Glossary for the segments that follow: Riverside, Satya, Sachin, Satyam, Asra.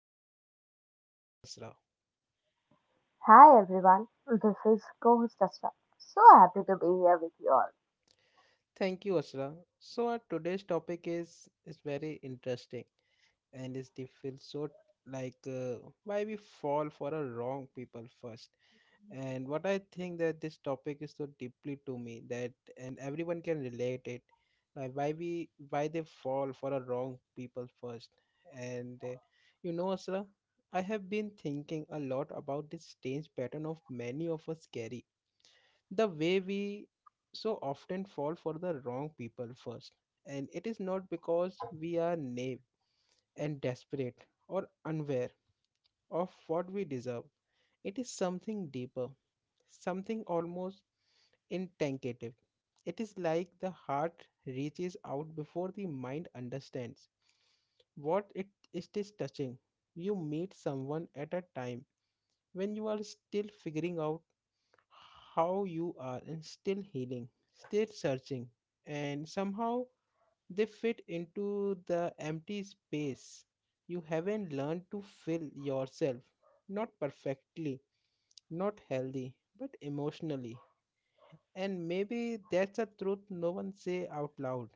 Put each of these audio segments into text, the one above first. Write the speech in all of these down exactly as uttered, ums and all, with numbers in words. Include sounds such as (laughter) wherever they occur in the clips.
me is our co host Asra. Hi everyone, this is co-host Asra. So happy to be here with you all. Thank you, Asra. So, our today's topic is, is very interesting and is the feel so like uh, why we fall for the wrong people first. And what I think that this topic is so deeply to me that and everyone can relate it, like why we why they fall for the wrong people first. And uh, you know, Asra, I have been thinking a lot about this strange pattern of many of us carry, the way we so often fall for the wrong people first, and it is not because we are naive and desperate or unaware of what we deserve. It is something deeper, something almost intangible. It is like the heart reaches out before the mind understands what it, it is touching. You meet someone at a time when you are still figuring out how you are and still healing, still searching, and somehow they fit into the empty space you haven't learned to fill yourself. Not perfectly, not healthy, but emotionally. And maybe that's a truth no one say out loud.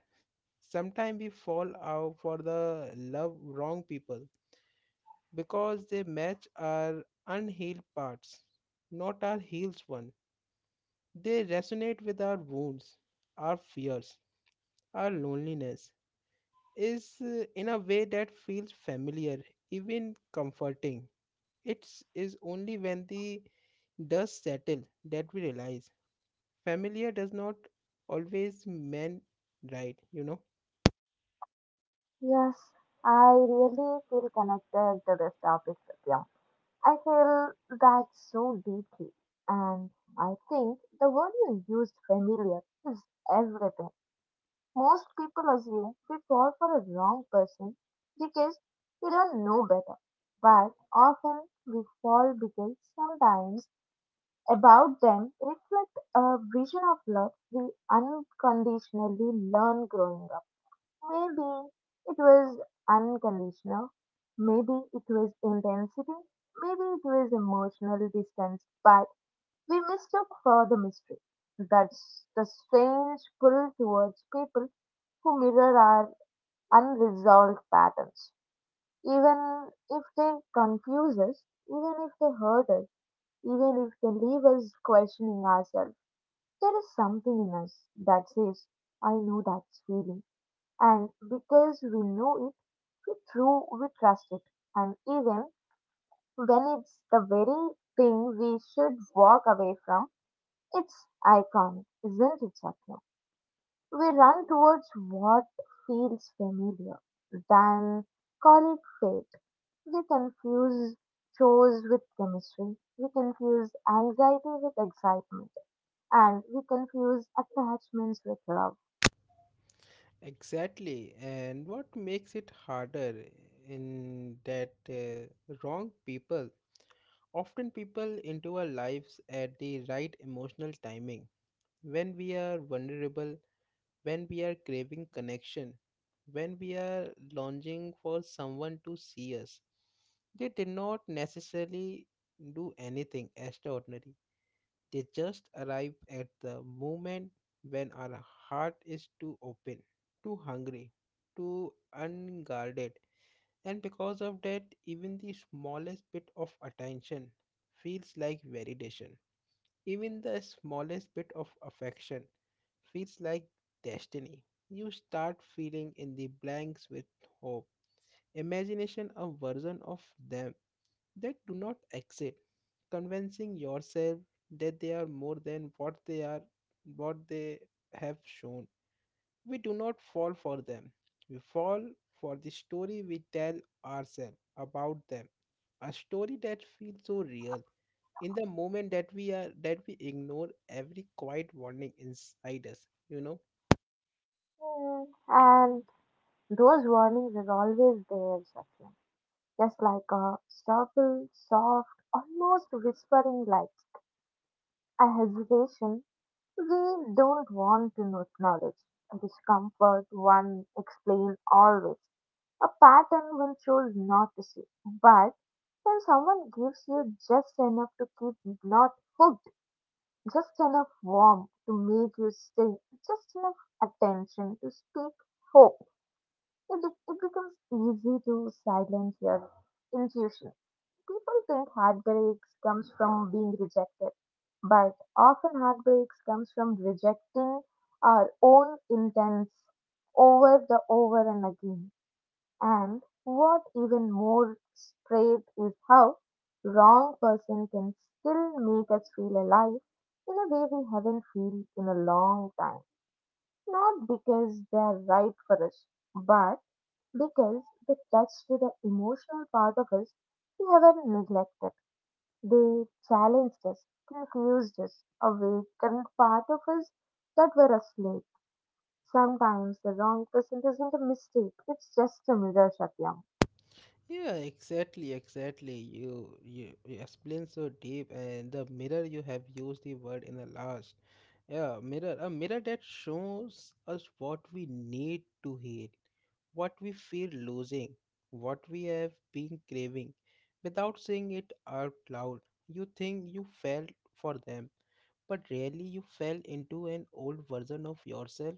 Sometimes we fall out for the love wrong people because they match our unhealed parts, not our healed one. They resonate with our wounds, our fears, our loneliness is uh, in a way that feels familiar, even comforting. It is only when the dust settle that we realize familiar does not always mean right, you know. Yes, I really feel connected to this topic with you. I feel that so deeply, and I think the word you used, familiar, is everything. Most people assume we fall for a wrong person because we don't know better, but often we fall because sometimes about them reflect a vision of love we unconditionally learn growing up. Maybe it was unconditional, maybe it was intensity, maybe it was emotional distance, but we mistook for the mystery. That's the strange pull towards people who mirror our unresolved patterns. Even if they confuse us, even if they hurt us, even if they leave us questioning ourselves, there is something in us that says, I know that feeling. And because we know it, we through we trust it. And even when it's the very thing we should walk away from, it's iconic, isn't it, Satya? We run towards what feels familiar, then call it fate. We confuse chores with chemistry. We confuse anxiety with excitement. And we confuse attachments with love. Exactly, and what makes it harder in that uh, wrong people often people into our lives at the right emotional timing, when we are vulnerable, when we are craving connection, when we are longing for someone to see us. They did not necessarily do anything extraordinary. They just arrive at the moment when our heart is too open, too hungry, too unguarded. And because of that, even the smallest bit of attention feels like validation. Even the smallest bit of affection feels like destiny. You start filling in the blanks with hope, imagination, a version of them that do not exist, convincing yourself that they are more than what they are, what they have shown we do not fall for them. We fall for the story we tell ourselves about them. A story that feels so real in the moment that we are that we ignore every quiet warning inside us, you know. Mm, and those warnings are always there, Satya. Just like a subtle, soft, almost whispering light, a hesitation we don't want to acknowledge, a discomfort one explains always, a pattern one chose not to see. But when someone gives you just enough to keep not hooked, just enough warmth to make you stay, just enough attention to speak hope, It, be- it becomes easy to silence your intuition. People think heartbreaks comes from being rejected, but often heartbreaks comes from rejecting our own intents over the over and again. And what even more straight is how wrong person can still make us feel alive in a way we haven't felt in a long time. Not because they are right for us, but because they touch to the emotional part of us we haven't neglected. They challenged us, confused us, awakened part of us that were asleep. Sometimes the wrong person isn't a mistake, it's just a mirror, Satyam. Yeah, exactly, exactly. You you, you explain so deep, and the mirror you have used the word in the last. Yeah, mirror, a mirror that shows us what we need to heal, what we fear losing, what we have been craving, without saying it out loud. You think you fell for them, but really you fell into an old version of yourself,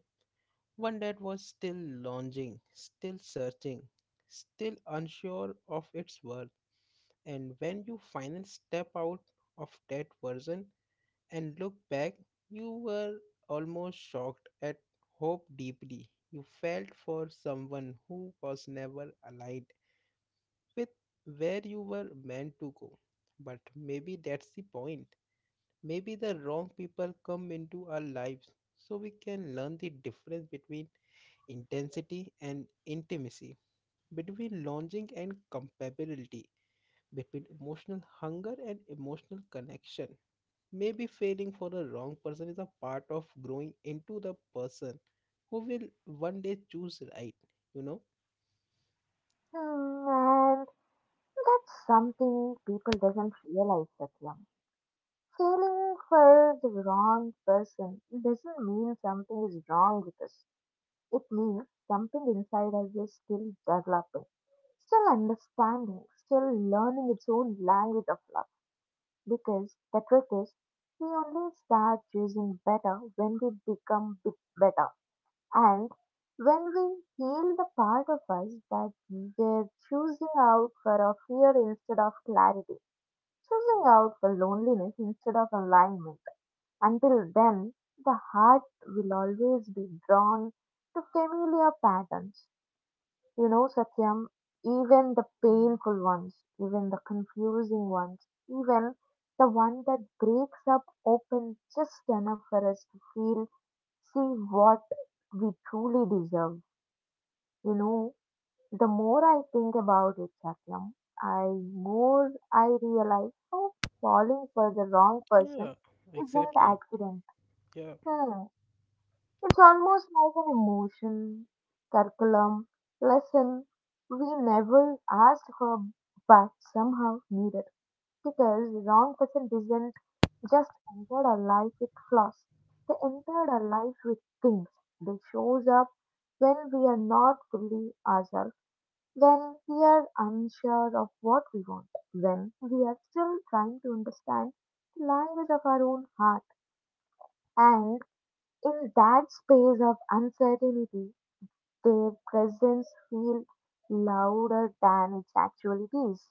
one dad was still lounging, still searching, still unsure of its worth. And when you finally step out of that version and look back, you were almost shocked at hope deeply. You felt for someone who was never allied with where you were meant to go. But maybe that's the point. Maybe the wrong people come into our lives so we can learn the difference between intensity and intimacy, between longing and compatibility, between emotional hunger and emotional connection. Maybe failing for the wrong person is a part of growing into the person who will one day choose right, you know? Hmm, and that's something people doesn't realize, Satyam. Feeling for the wrong person doesn't mean something is wrong with us. It means something inside us is still developing, still understanding, still learning its own language of love. Because the truth is, we only start choosing better when we become bit better. And when we heal the part of us that we're choosing out for a fear instead of clarity, choosing out for loneliness instead of alignment, until then, the heart will always be drawn to familiar patterns, you know, Satyam, even the painful ones, even the confusing ones, even the one that breaks up open just enough for us to feel, see what we truly deserve. You know, the more I think about it, Satyam, I more I realize how falling for the wrong person Yeah, isn't exactly. accident. Yeah. Hmm. It's almost like an emotion, curriculum, lesson we never asked for but somehow needed. Because the wrong person didn't just enter our life with flaws, they entered our life with things. They shows up when we are not fully ourselves, when we are unsure of what we want, when we are still trying to understand the language of our own heart. And in that space of uncertainty, their presence feel louder than it actually is.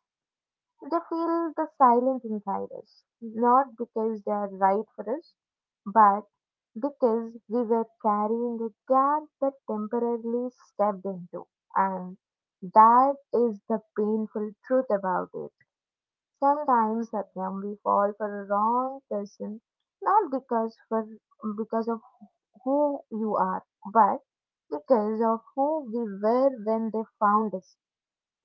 They feel the silence inside us, not because they are right for us, but because we were carrying a gap that temporarily stepped into. And that is the painful truth about it. Sometimes, Satyam, we fall for a wrong person, not because for because of who you are, but because of who we were when they found us.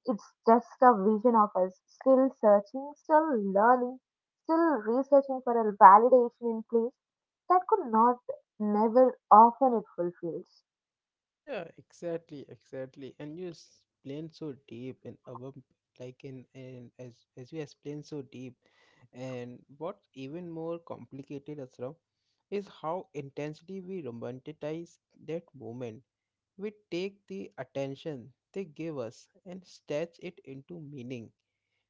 It's just a vision of us, still searching, still learning, still researching for a validation in place that could not, never, often it fulfills. Yeah, exactly, exactly. And you explain so deep and above, like in and as as you explain so deep, and what's even more complicated, Asra, is how intensely we romanticize that moment. We take the attention they give us and stretch it into meaning,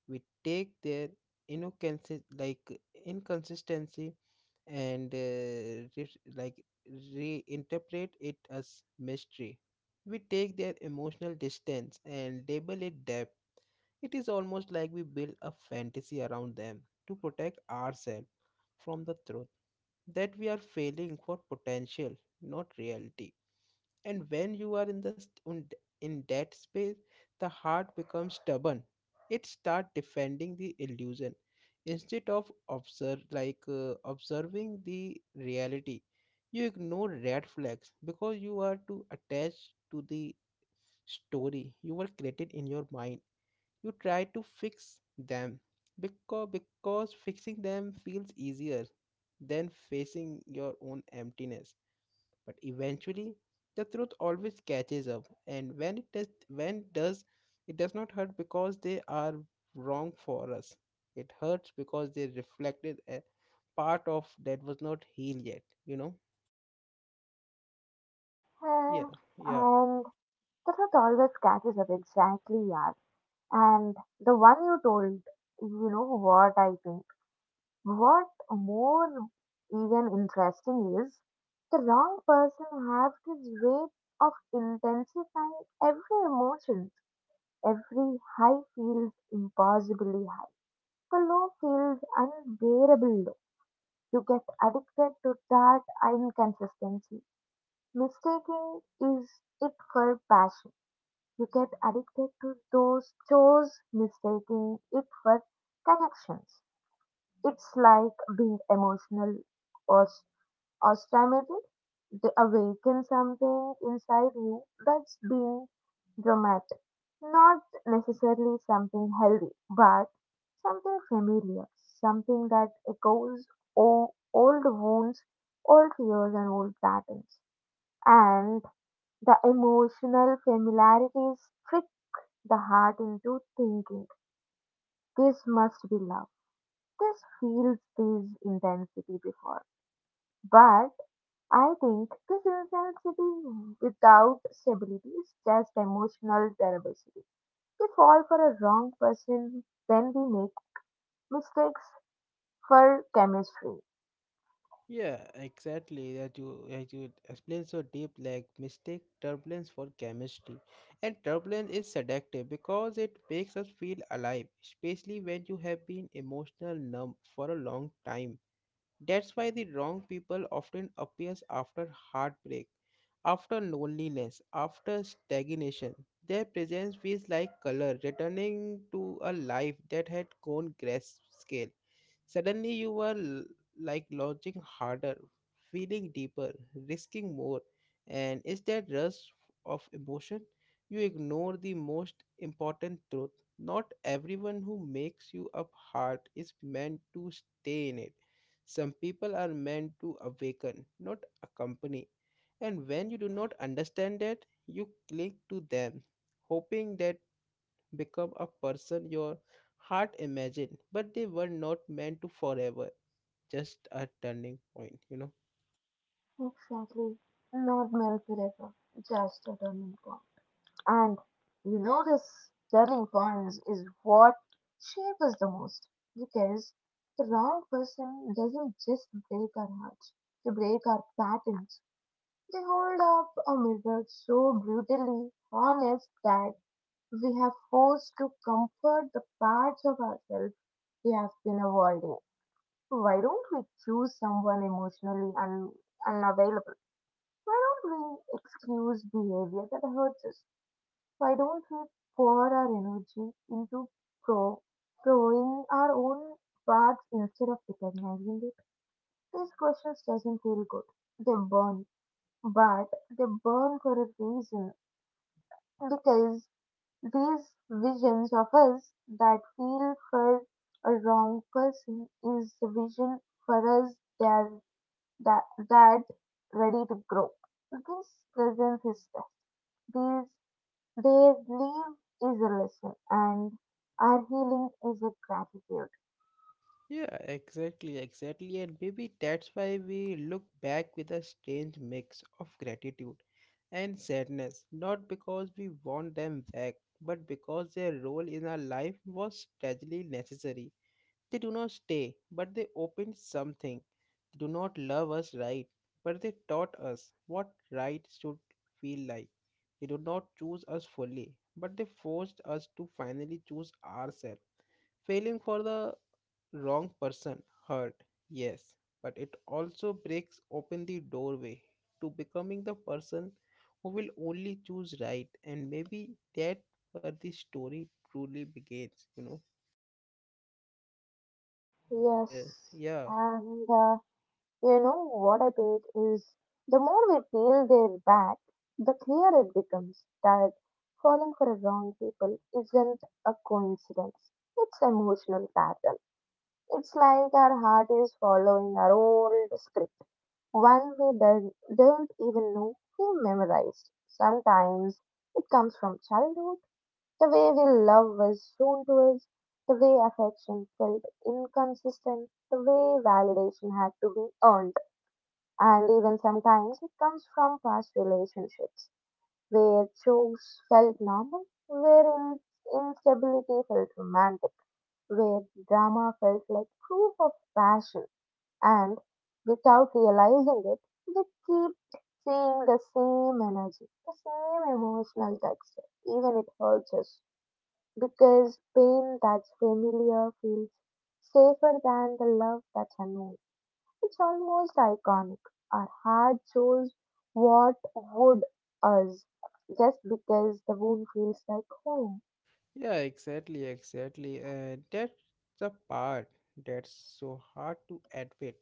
we take their inconsi- like inconsistency and uh, re- like reinterpret it as mystery. We take their emotional distance and label it depth. It is almost like we build a fantasy around them to protect ourselves from the truth that we are failing for potential, not reality, and when you are in the st- in th- in that space, the heart becomes stubborn, it starts defending the illusion instead of observe like uh, observing the reality. You ignore red flags because you are too attached to the story you were created in your mind. You try to fix them because because fixing them feels easier than facing your own emptiness. But eventually the truth always catches up, and when it does when it does it does not hurt because they are wrong for us, it hurts because they reflected a part of that was not healed yet you know Eh, Yeah, yeah. and the truth always catches up, exactly, yeah. And the one you told, you know what I think. What more even interesting is, the wrong person has this way of intensifying every emotion. Every high feels impossibly high. The low feels unbearable low. You get addicted to that inconsistency. Mistaking is it for passion. You get addicted to those chores, mistaking it for connections. It's like being emotional or or stimulated, they awaken something inside you that's being dramatic. Not necessarily something healthy, but something familiar, something that echoes o- old wounds, old fears, and old patterns. And the emotional familiarities trick the heart into thinking this must be love. This feels this intensity before. But I think this insanity without stability is just emotional diversity. We fall for a wrong person when we make mistakes for chemistry. Yeah, exactly, that you that you explain so deep, like mistake turbulence for chemistry, and turbulence is seductive because it makes us feel alive, especially when you have been emotional numb for a long time. That's why the wrong people often appears after heartbreak, after loneliness, after stagnation. Their presence feels like color returning to a life that had gone grayscale. Suddenly, you were l- like launching harder, feeling deeper, risking more, and is that rush of emotion? You ignore the most important truth. Not everyone who makes you up hard is meant to stay in it. Some people are meant to awaken, not accompany. And when you do not understand that, you cling to them, hoping that become a person your heart imagined, but they were not meant to forever. Just a turning point, you know. Exactly. Not married forever, just a turning point. And you know, this turning point is what shapes us the most because the wrong person doesn't just break our hearts, they break our patterns. They hold up a mirror so brutally honest that we have forced to comfort the parts of ourselves we have been avoiding. Why don't we choose someone emotionally un- unavailable? Why don't we excuse behavior that hurts us? Why don't we pour our energy into pro- growing our own parts instead of recognizing it? These questions doesn't feel good. They burn, but they burn for a reason because these visions of us that feel for a wrong person is the vision for us that that, that ready to grow. This presence is test. These their leave is a lesson and our healing is a gratitude. Yeah, exactly, exactly. And maybe that's why we look back with a strange mix of gratitude and sadness, not because we want them back, but because their role in our life was tragically necessary. They do not stay, but they opened something. They do not love us right, but they taught us what right should feel like. They do not choose us fully, but they forced us to finally choose ourselves. Failing for the wrong person hurt, yes, but it also breaks open the doorway to becoming the person who will only choose right, and maybe that where the story truly begins, you know. And uh, Yes, yeah. and uh, you know what I think is the more we peel their back, the clearer it becomes that falling for the wrong people isn't a coincidence. It's an emotional pattern. It's like our heart is following our old script, one we don't, don't even know we memorized. Sometimes it comes from childhood, the way we love was shown to us, the way affection felt inconsistent, the way validation had to be earned, and even sometimes it comes from past relationships where chores felt normal, where in- instability felt romantic, where drama felt like proof of passion. And without realizing it, we keep seeing the same energy, the same emotional texture, even it hurts us. Because pain that's familiar feels safer than the love that's unknown. It's almost iconic. Our heart chose what would us just because the wound feels like home. Yeah, exactly, exactly. Uh, that's the part that's so hard to admit.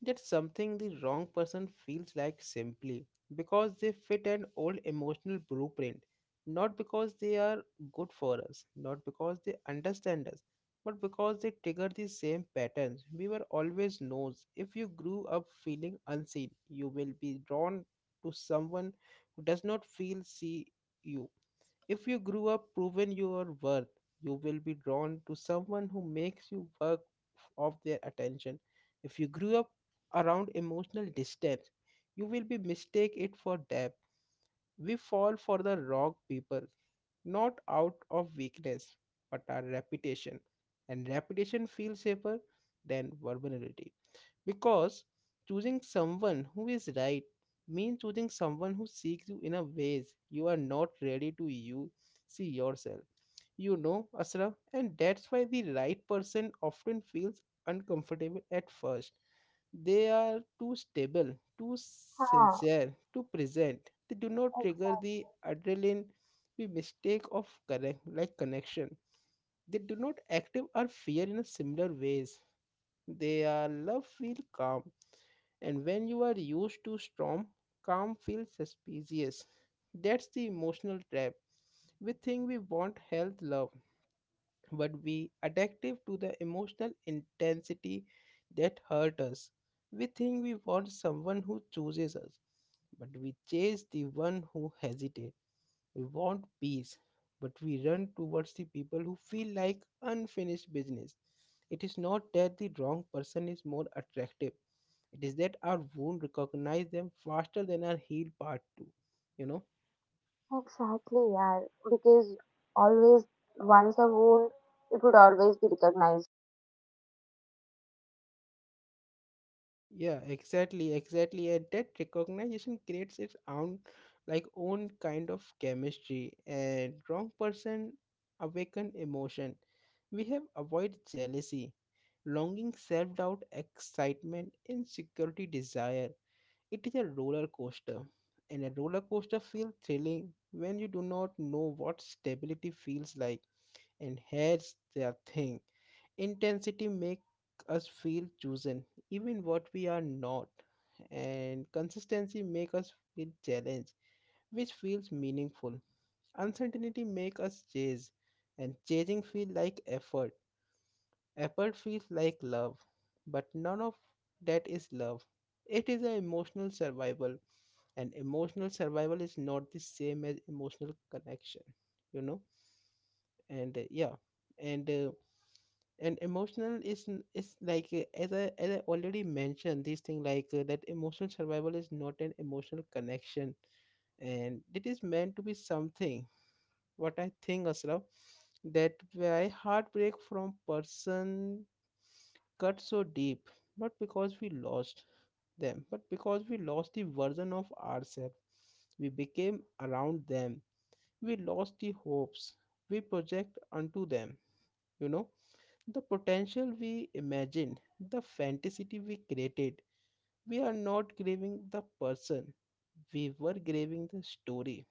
That's something the wrong person feels like simply because they fit an old emotional blueprint. Not because they are good for us, not because they understand us, but because they trigger the same patterns. We were always knows. If you grew up feeling unseen, you will be drawn to someone who does not feel see you, if you grew up proven your worth, you will be drawn to someone who makes you work of their attention. If you grew up around emotional distance, you will be mistake it for depth. We fall for the wrong people, not out of weakness, but our reputation. And reputation feels safer than vulnerability. Because choosing someone who is right means choosing someone who seeks you in a ways you are not ready to you see yourself. You know, Asra, and that's why the right person often feels uncomfortable at first. They are too stable, too Ha, sincere, too present. They do not trigger the adrenaline, the mistake of correct like connection. They do not active or fear in a similar ways. They are love feel calm, and when you are used to storm, calm feels suspicious. That's the emotional trap. We think we want health love, but we addictive to the emotional intensity that hurt us. We think we want someone who chooses us, but we chase the one who hesitates. We want peace, but we run towards the people who feel like unfinished business. It is not that the wrong person is more attractive. It is that our wound recognize them faster than our heal part too. You know? ex- exactly, yeah. Because always, once a wound, it would always be recognized. Yeah, exactly, exactly. And that recognition creates its own, like own kind of chemistry. And wrong person awaken emotion. We have avoided jealousy, longing, self doubt, excitement, insecurity, desire. It is a roller coaster, and a roller coaster feels thrilling when you do not know what stability feels like. And here's the thing, intensity make us feel chosen even what we are not, and consistency make us feel challenged, which feels meaningful, uncertainty make us chase, and chasing feel like effort effort feels like love, but none of that is love, it is an emotional survival, and emotional survival is not the same as emotional connection you know and uh, yeah. And uh, and emotional is n- is like uh, as I as I already mentioned this thing, like uh, that emotional survival is not an emotional connection, and it is meant to be something. What I think, Asraf, that why heartbreak from person cut so deep, not because we lost them, but because we lost the version of ourselves we became around them. We lost the hopes we project unto them you know the potential we imagined, the fantasy we created, we are not grieving the person. We were grieving the story.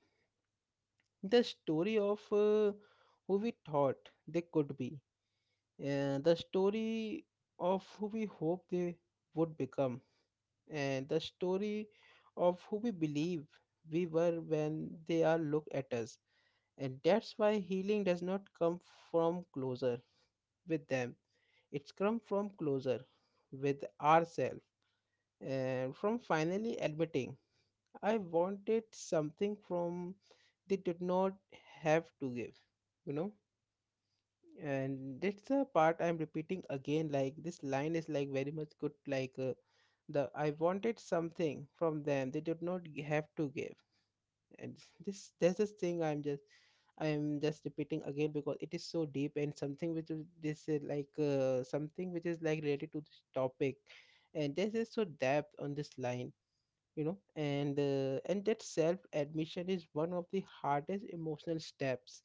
The story of uh, who we thought they could be. And the story of who we hope they would become. And the story of who we believe we were when they are look at us. And that's why healing does not come from closer with them. It's come from closer with ourselves and from finally admitting I wanted something from they did not have to give, you know. And that's the part I'm repeating again. Like this line is like very much good. Like uh, the I wanted something from them they did not g- have to give and (laughs) this there's this thing i'm just i'm just repeating again because it is so deep and something which is this is like uh, something which is like related to this topic and this is so depth on this line, you know. And uh, and that self admission is one of the hardest emotional steps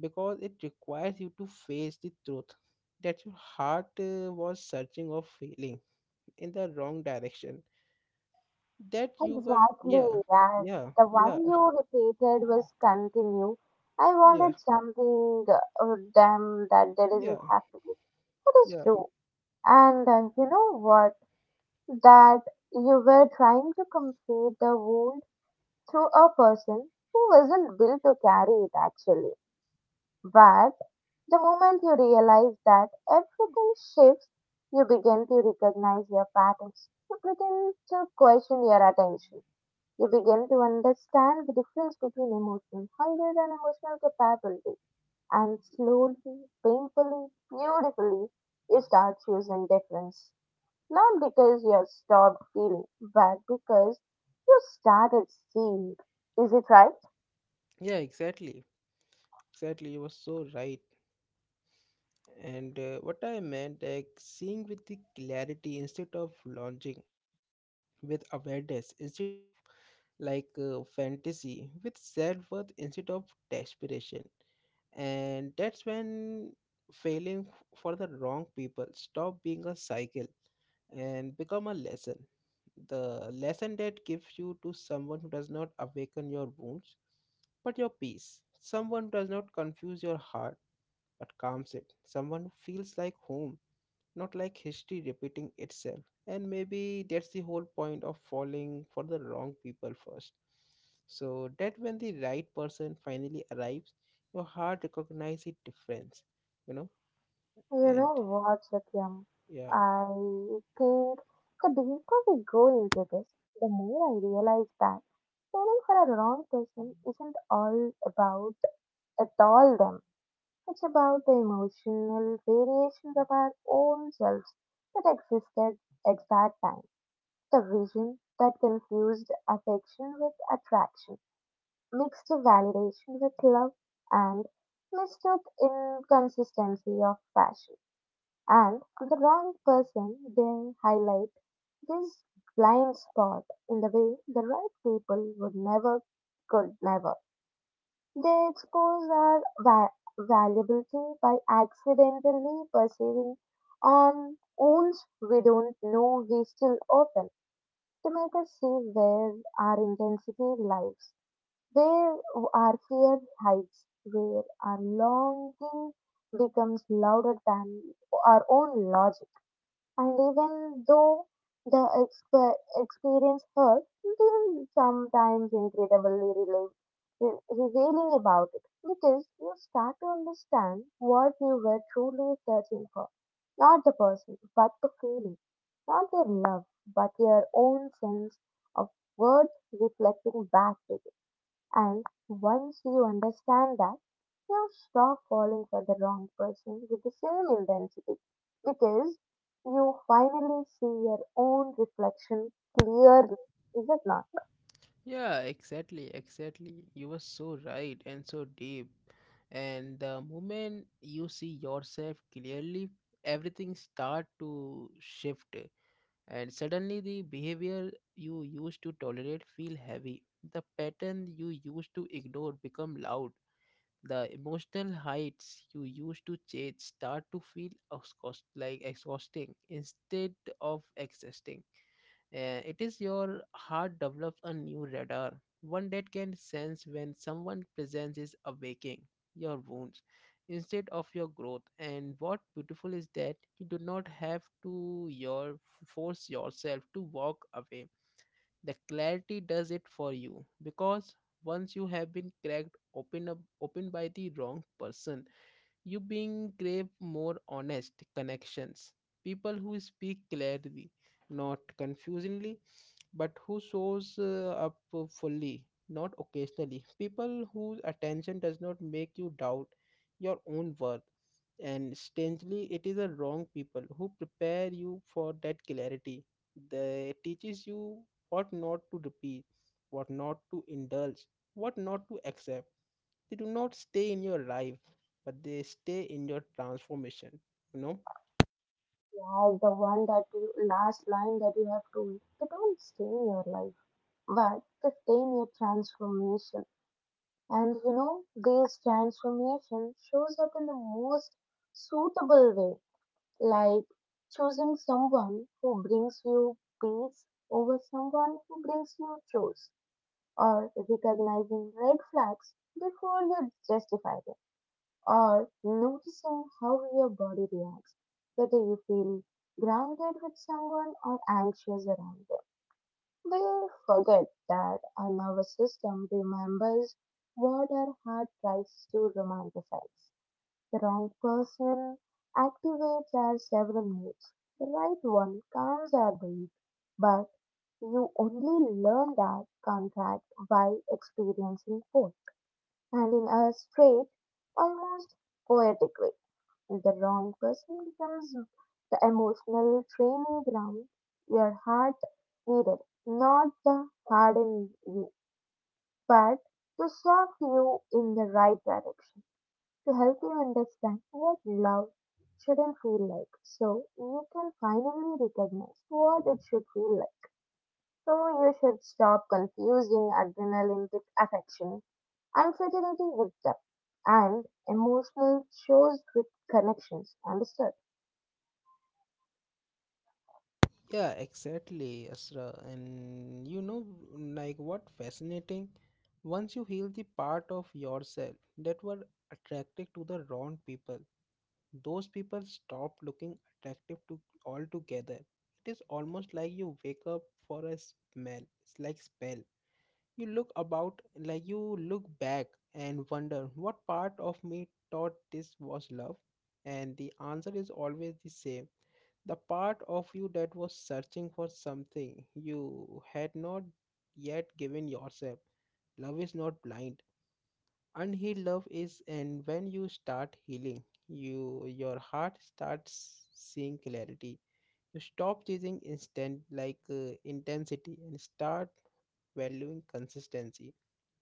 because it requires you to face the truth that your heart uh, was searching or feeling in the wrong direction, that you were, yeah, Exactly, yeah. yeah, The one yeah, you repeated was continue. I yeah, wanted something, uh, damn that there isn't yeah. have to be. That is Yeah, true. And uh, you know what? That you were trying to complete the wound through a person who wasn't built to carry it actually. But the moment you realize that everything shifts, you begin to recognize your patterns. You begin to question your attention. You begin to understand the difference between emotional hunger and emotional capability. And slowly, painfully, beautifully, you start choosing difference. Not because you stopped feeling but because you started seeing it. Is it right? yeah, exactly. Exactly, you were so right. And uh, What I meant, like seeing with the clarity instead of launching, with awareness instead of like uh, fantasy, with self worth instead of desperation. And that's when failing f- for the wrong people stop being a cycle and become a lesson, the lesson that gives you to someone who does not awaken your wounds but your peace, someone who does not confuse your heart but calms it, someone who feels like home, not like history repeating itself. And maybe that's the whole point of falling for the wrong people first. So that when the right person finally arrives, your heart recognizes the difference, you know? You And know what, Satyam? yeah. I think the deeper we go into this, the more I realize that falling for a wrong person isn't all about at all them. It's about the emotional variations of our own selves that existed at that time. The vision that confused affection with attraction, mixed validation with love, and mixed mistook inconsistency of passion, and the wrong person, they highlight this blind spot in the way the right people would never, could never. They expose our va- valuability by accidentally perceiving on wounds we don't know we still open to make us see where our intensity lies, there are fear heights where our longing becomes louder than our own logic. And even though the exper- experience hurts, there is sometimes incredibly rela- re- revealing about it because you start to understand what you were truly searching for. Not the person, but the feeling. Not their love, but your own sense of worth reflecting back to you. And once you understand that, you stop falling for the wrong person with the same intensity because you finally see your own reflection clearly. Is it not? Yeah, exactly, exactly. You were so right and so deep. And the moment you see yourself clearly, everything start to shift. And suddenly the behavior you used to tolerate feel heavy, the pattern you used to ignore become loud, the emotional heights you used to chase start to feel exhaust- like exhausting instead of existing. Uh, it is your heart develops a new radar, one that can sense when someone' presence is awaking your wounds instead of your growth. And what beautiful is that you do not have to your force yourself to walk away, the clarity does it for you because once you have been cracked open up open by the wrong person, you being crave more honest connections, people who speak clearly, not confusingly, but who shows uh, up fully, not occasionally. People whose attention does not make you doubt your own worth. And strangely, it is the wrong people who prepare you for that clarity. They teaches you what not to repeat, what not to indulge, what not to accept. They do not stay in your life, but they stay in your transformation. You know. Yeah, the one that you last line that you have told, they don't stay in your life, but they stay in your transformation. And you know, this transformation shows up in the most suitable way, like choosing someone who brings you peace over someone who brings you chores, or recognizing red flags before you justify them, or noticing how your body reacts, whether you feel grounded with someone or anxious around them. We forget that our nervous system remembers what our heart tries to romanticize. The wrong person activates our several modes. The right one calms our breath, but you only learn that contract by experiencing both. And in a straight, almost poetic way, the wrong person becomes the emotional training ground your heart needed, not the harden you, but to shock you in the right direction to help you understand what love shouldn't feel like so you can finally recognize what it should feel like. So you should stop confusing adrenaline with affection, uncertainty with depth, and emotional shows with connections. Understood? Yeah, exactly, Asra. And you know, like what fascinating? Once you heal the part of yourself that were attracted to the wrong people, those people stop looking attractive to altogether. It is almost like you wake up for a smell. It's like spell. You look about, like you look back and wonder, what part of me thought this was love? And the answer is always the same, the part of you that was searching for something you had not yet given yourself. Love is not blind. Unhealed love is, and when you start healing, you your heart starts seeing clarity. You stop chasing instant like uh, intensity and start valuing consistency.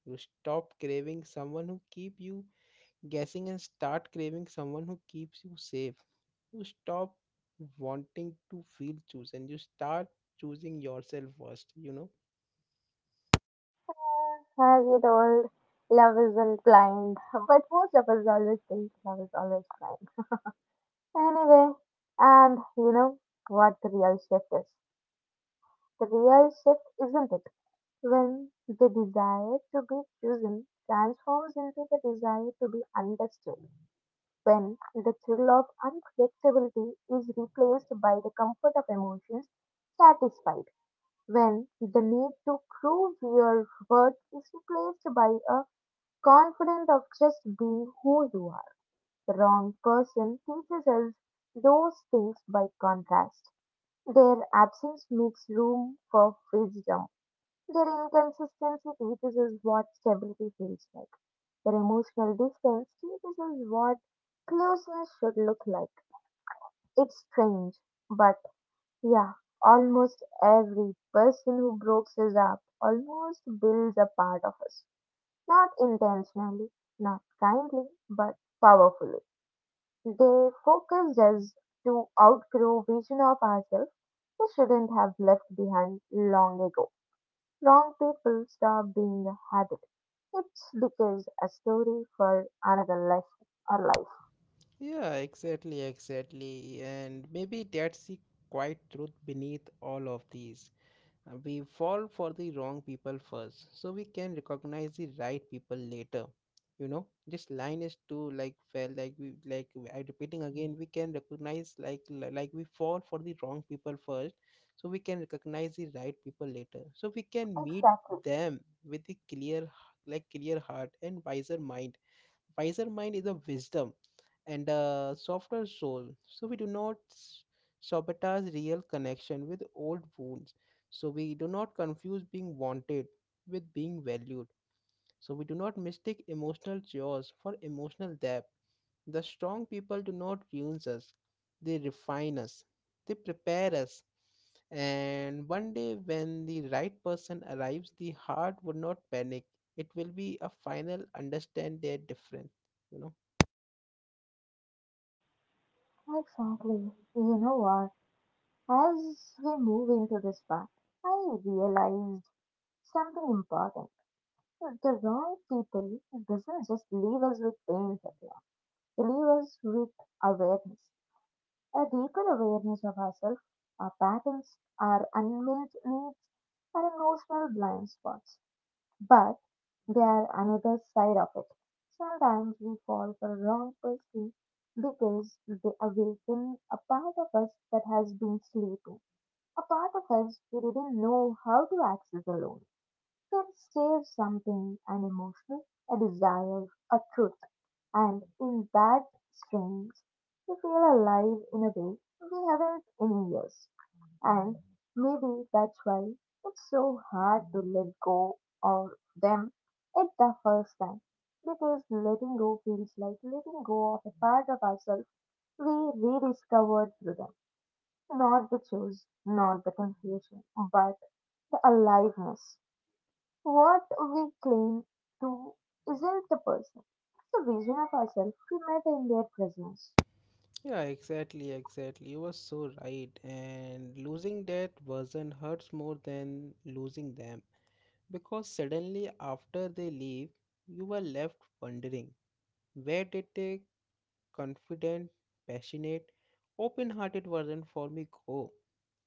You stop craving someone who keep you guessing and start craving someone who keeps you safe. You stop wanting to feel chosen. You start choosing yourself first, you know? As you told, love isn't blind, but most of us always think love is always blind. Anyway, and you know what the real shift is? The real shift isn't it? When the desire to be chosen transforms into the desire to be understood, when the thrill of unpredictability is replaced by the comfort of emotions satisfied, when the need to prove your worth is replaced by a confidence of just being who you are, the wrong person teaches us those things by contrast. Their absence makes room for wisdom. That inconsistency teaches us what stability feels like. That emotional distance teaches us what closeness should look like. It's strange, but yeah, almost every person who breaks us up almost builds a part of us. Not intentionally, not kindly, but powerfully. They focus us to outgrow vision of ourselves we shouldn't have left behind long ago. Wrong people stop being a habit. It's because a story for another life or life. Yeah, exactly, exactly. And maybe that's the quiet truth beneath all of these. Uh, We fall for the wrong people first, so we can recognize the right people later. You know, this line is too like fell like we like I repeating again. We can recognize like li- like we fall for the wrong people first, so we can recognize the right people later. So we can meet Exactly. them with a clear h- like clear heart and wiser mind. Wiser mind is a wisdom and a softer soul. So we do not s- sabotage real connection with old wounds. So we do not confuse being wanted with being valued. So we do not mistake emotional chores for emotional depth. The strong people do not ruin us, they refine us, they prepare us. And one day, when the right person arrives, the heart would not panic. It will be a final understand their difference, you know. Exactly. You know what? As we move into this part, I realized something important. The wrong people doesn't just leave us with pain, Satya. They leave us with awareness, a deeper awareness of ourselves, our patterns, our unmet needs, our emotional blind spots. But they are another side of it. Sometimes we fall for wrong person because they awaken a part of us that has been sleeping, a part of us we didn't know how to access alone. Can share something, an emotion, a desire, a truth, and in that strings we feel alive in a way we haven't in years. And maybe that's why it's so hard to let go of them at the first time. Because letting go feels like letting go of a part of ourselves we rediscovered through them. Not the choice, not the confusion, but the aliveness. What we claim to isn't the person, it's the vision of ourselves we met in their presence. Yeah, exactly, exactly. You were so right. And losing that version hurts more than losing them because suddenly after they leave, you were left wondering, where did the confident, passionate, open hearted version for me go?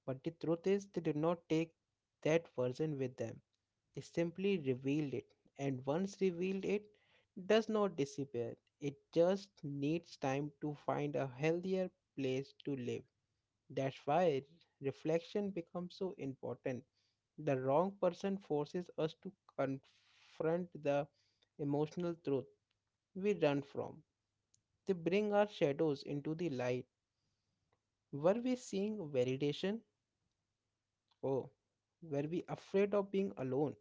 But the truth is, they did not take that version with them, they simply revealed it. And once revealed, it does not disappear, it just needs time to find a healthier place to live. That's why reflection becomes so important. The wrong person forces us to confront the emotional truth we run from. They bring our shadows into the light. Were we seeing validation? Oh, were we afraid of being alone?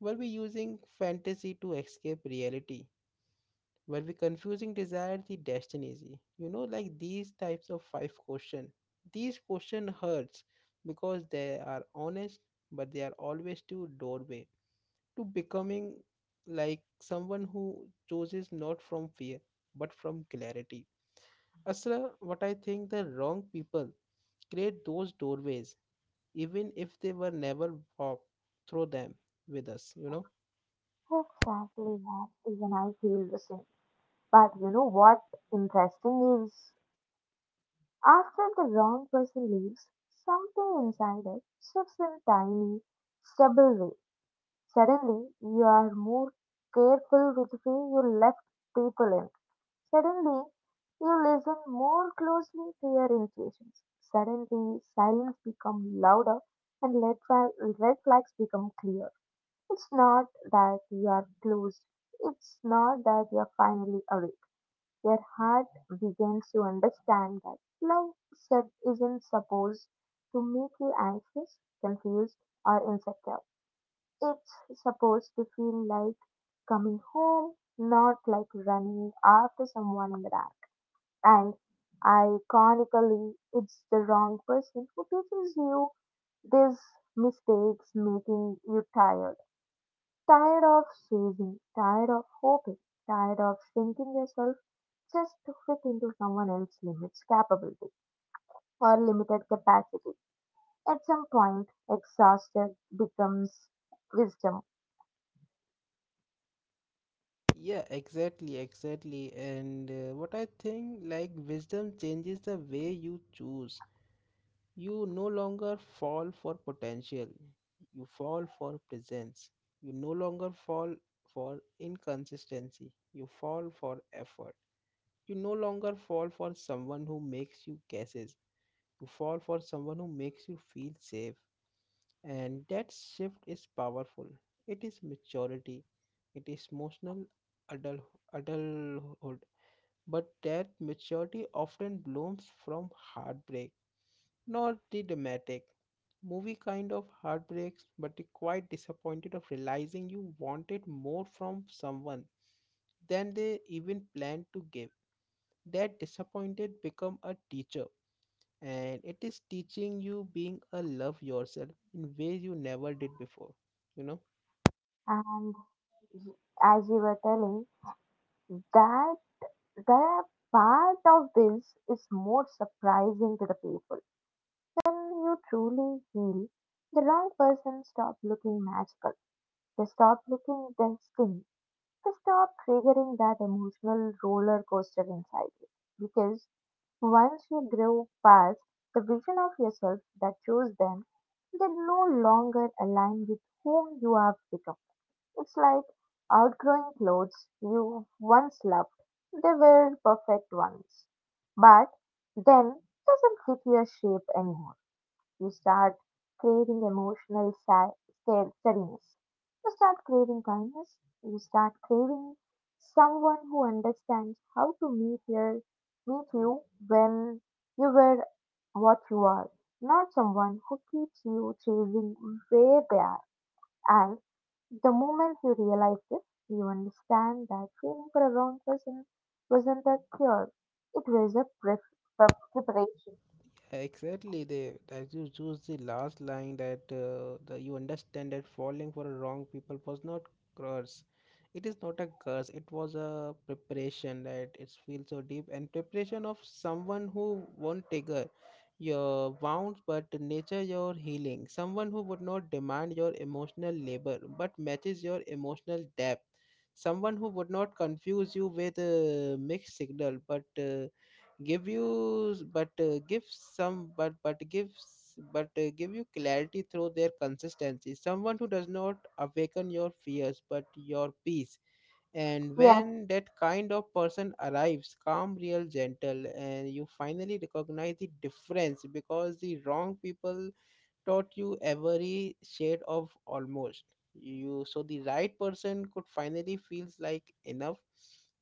Were we using fantasy to escape reality? When we confusing desire the destiny, you know, like these types of five question, these question hurts because they are honest, but they are always to doorway to becoming like someone who chooses not from fear but from clarity. Asra, what I think, the wrong people create those doorways even if they were never walk through them with us, you know. Exactly that. Even I feel the same. But you know what interesting is? After the wrong person leaves, something inside it shifts in tiny, stable way. Suddenly, you are more careful with who you left people in. Suddenly, you listen more closely to your intuitions. Suddenly, silence becomes louder and red, flag, red flags become clear. It's not that you are closed. It's not that you are finally away. Their heart begins to understand that love itself isn't supposed to make you anxious, confused, or insecure. It's supposed to feel like coming home, not like running after someone in the dark. And iconically, it's the wrong person who teaches you these mistakes, making you tired. Tired of chasing, tired of hoping, tired of shrinking yourself just to fit into someone else's limits capability or limited capacity. At some point, exhausted becomes wisdom. Yeah, exactly, exactly. And uh, What I think, like, wisdom changes the way you choose. You no longer fall for potential, you fall for presence. You no longer fall for inconsistency, you fall for effort. You no longer fall for someone who makes you guesses, you fall for someone who makes you feel safe. And that shift is powerful. It is maturity, it is emotional adult, adulthood. But that maturity often blooms from heartbreak, not the dramatic movie kind of heartbreaks, but the quite disappointed of realizing you wanted more from someone than they even planned to give. That disappointed become a teacher and it is teaching you being a love yourself in ways you never did before, you know. And as you were telling, that that part of this is more surprising to the people. When you truly heal, the wrong person stop looking magical. They stop looking destined to stop triggering that emotional roller coaster inside you. Because once you grow past the vision of yourself that chose them, they no longer align with whom you have become. It's like outgrowing clothes you once loved. They were perfect ones, but then doesn't fit your shape anymore. You start craving emotional sa- sta- steadiness. You start craving kindness. You start craving someone who understands how to meet your meet you when you were what you are, not someone who keeps you chasing where they are. And the moment you realize this, you understand that feeling for a wrong person wasn't a cure; it was a pre- pre- preparation. Exactly, they as you choose the last line that uh, the, you understand that falling for a wrong people was not curse. It is not a curse. It was a preparation that it feels so deep and preparation of someone who won't trigger your wounds but nature your healing. Someone who would not demand your emotional labor but matches your emotional depth. Someone who would not confuse you with uh, mixed signal but uh, give you s- but uh, give some but but gives but uh, give you clarity through their consistency, someone who does not awaken your fears but your peace, and Yes. when that kind of person arrives calm real gentle and you finally recognize the difference because the wrong people taught you every shade of almost you so the right person could finally feels like enough.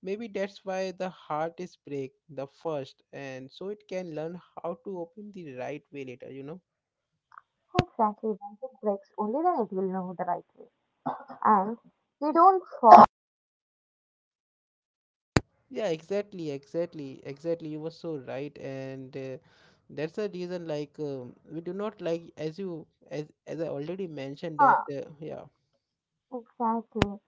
Maybe that's why the heart is break the first and so it can learn how to open the right way later, you know. Exactly, when it breaks, only then it will know the right way. And we don't fall. Yeah, exactly, exactly, exactly, you were so right. and uh, That's the reason like um, we do not like as you as as I already mentioned that Huh, uh, yeah. exactly.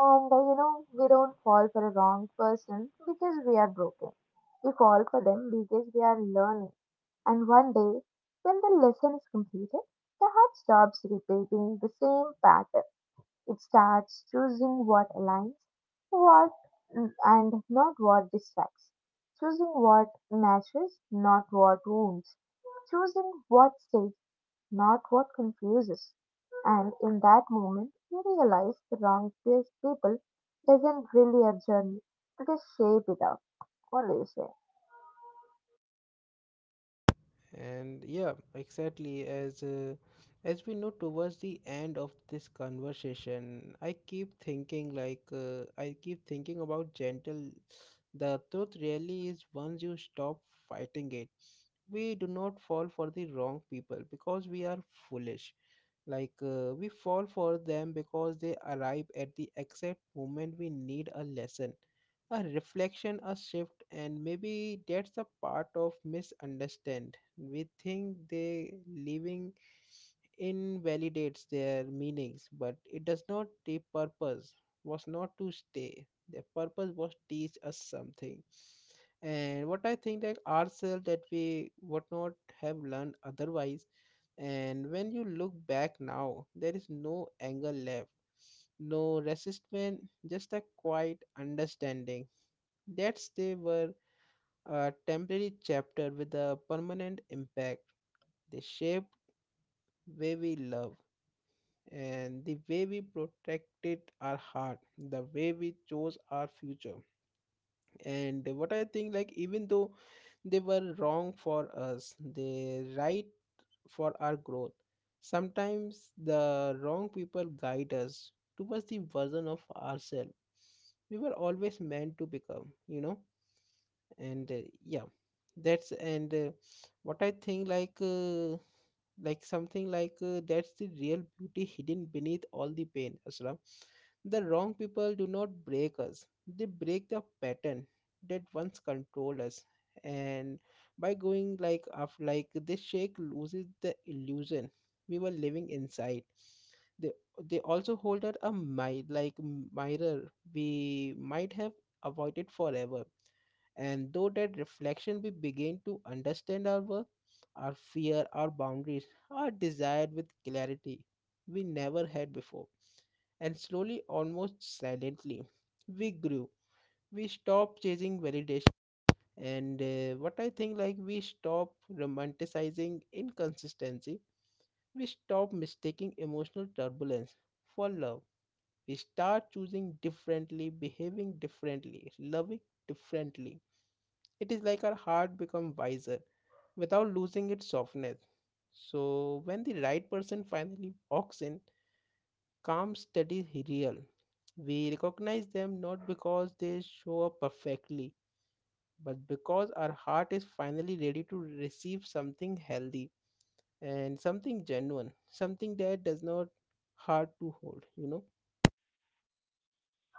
And uh, you know, we don't fall for a wrong person because we are broken. We fall for them because we are learning. And one day, when the lesson is completed, the heart stops repeating the same pattern. It starts choosing what aligns, what mm, and not what distracts, choosing what nurtures, not what wounds, choosing what stays, not what confuses. And in that moment, you realize the wrong pe- people isn't really a journey, it is shape it up. What do you say? And yeah, exactly. As uh, as we know towards the end of this conversation, I keep thinking like uh, I keep thinking about gentle. The truth really is once you stop fighting it, we do not fall for the wrong people because we are foolish. Like uh, we fall for them because they arrive at the exact moment we need a lesson, a reflection, a shift. And maybe that's a part of misunderstand. We think they living invalidates their meanings, but it does not. The purpose was not to stay. Their purpose was teach us something, and what I think that ourselves that we would not have learned otherwise. And when you look back now, there is no anger left, no resistance, just a quiet understanding that they were a temporary chapter with a permanent impact. They shaped way we love, and the way we protected our heart, the way we chose our future. And what I think, like, even though they were wrong for us, they right for our growth. Sometimes the wrong people guide us towards the version of ourselves we were always meant to become, you know. And uh, yeah, that's and uh, what I think like uh, like something like uh, that's the real beauty hidden beneath all the pain, Asra. The wrong people do not break us, they break the pattern that once controlled us. And by going like off like this, shake loses the illusion we were living inside. they they also hold out a mi- like mirror we might have avoided forever. And though that reflection we begin to understand our work, our fear, our boundaries, our desire with clarity we never had before. And slowly, almost silently, we grew. We stopped chasing validation. And uh, What I think, like, we stopped romanticizing inconsistency. We stop mistaking emotional turbulence for love. We start choosing differently, behaving differently, loving differently. It is like our heart become wiser without losing its softness. So when the right person finally walks in, calm, steady, real, we recognize them not because they show up perfectly, but because our heart is finally ready to receive something healthy and something genuine, something that does not hard to hold, you know.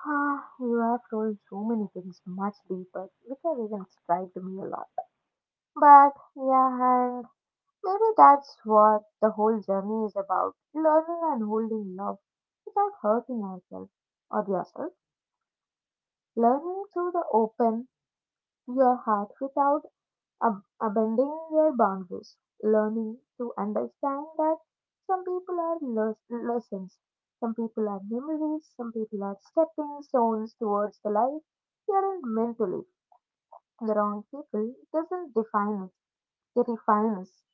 Ah, you have told so many things much deeper, which have even striked me a lot. But yeah, and maybe that's what the whole journey is about, learning and holding love without hurting ourselves or yourself, learning to the open your heart without ab- abandoning your boundaries, learning to understand that some people are les- lessons, some people are memories, some people are stepping stones towards the life you aren't meant to live. The wrong people doesn't define us, they refine us.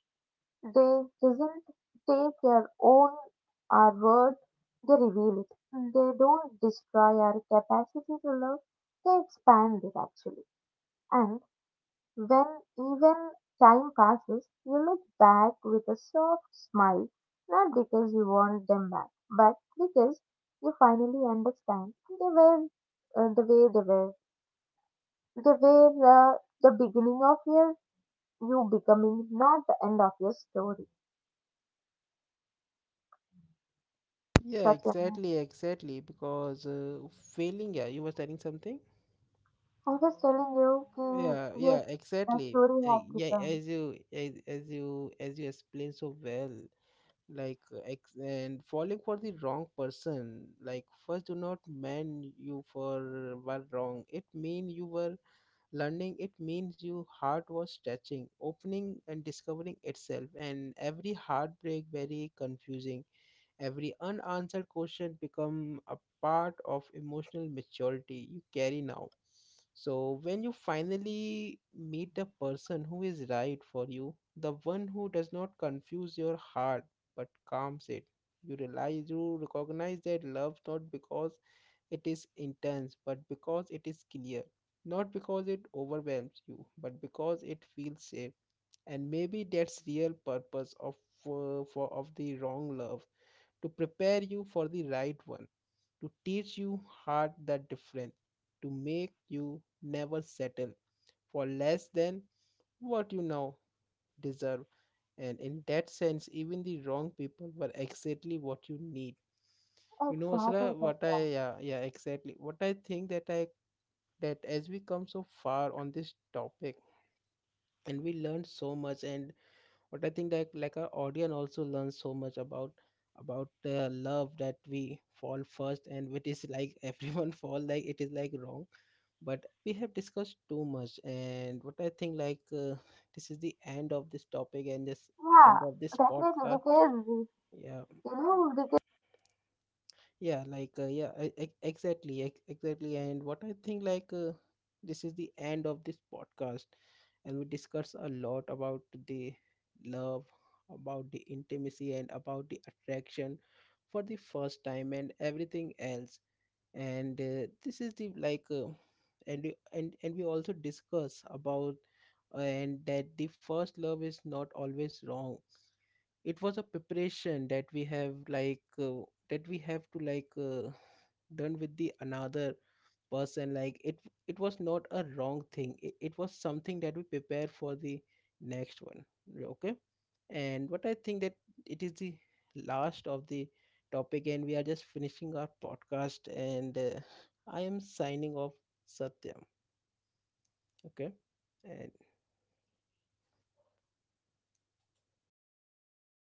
They doesn't take your own our word, they reveal it. Mm. They don't destroy our capacity to love, they expand it actually. And when even time passes, you look back with a soft smile, not because you want them back, but because you finally understand they were uh, the way they were. They were uh, the beginning of your you becoming, not the end of your story. Yeah, Such a— exactly, exactly. Because uh, failing, yeah, you were telling something. I'm just telling you, Yeah, ki, yes, yeah, the exactly. story Uh, has Yeah, become. as you as, as you as you explain so well, like uh, ex- and falling for the wrong person, like first do not mean you for were wrong. It mean you were learning. It means your heart was stretching, opening and discovering itself. And every heartbreak very confusing. Every unanswered question become a part of emotional maturity you carry now. So when you finally meet the person who is right for you, the one who does not confuse your heart but calms it, you realize you recognize that love not because it is intense but because it is clear, not because it overwhelms you but because it feels safe. And maybe that's real purpose of uh, for of the wrong love, to prepare you for the right one, to teach you hard that difference, to make you never settle for less than what you now deserve. And in that sense, even the wrong people were exactly what you need. You know, Asra, Exactly, what Sachin. I— yeah, yeah, exactly. What I think that I— that as we come so far on this topic and we learned so much, and but I think that like our audience also learns so much about about the love that we fall first, and which is like (laughs) everyone fall like it is like wrong. But we have discussed too much, and what I think like uh, this is the end of this topic and this Yeah, end of this definitely, podcast. because, you Yeah, know, because yeah, like uh, yeah I, I, exactly, ex- exactly. And what I think like uh, this is the end of this podcast, and we discuss a lot about the love, about the intimacy, and about the attraction for the first time and everything else. And uh, this is the like uh, and we and, and we also discuss about uh, and that the first love is not always wrong. It was a preparation that we have like uh, that we have to like uh, done with the another person. Like it— it was not a wrong thing. It, it was something that we prepare for the next one. Okay. And what I think that it is the last of the topic, and we are just finishing our podcast. And uh, I am signing off. Satyam. Okay. And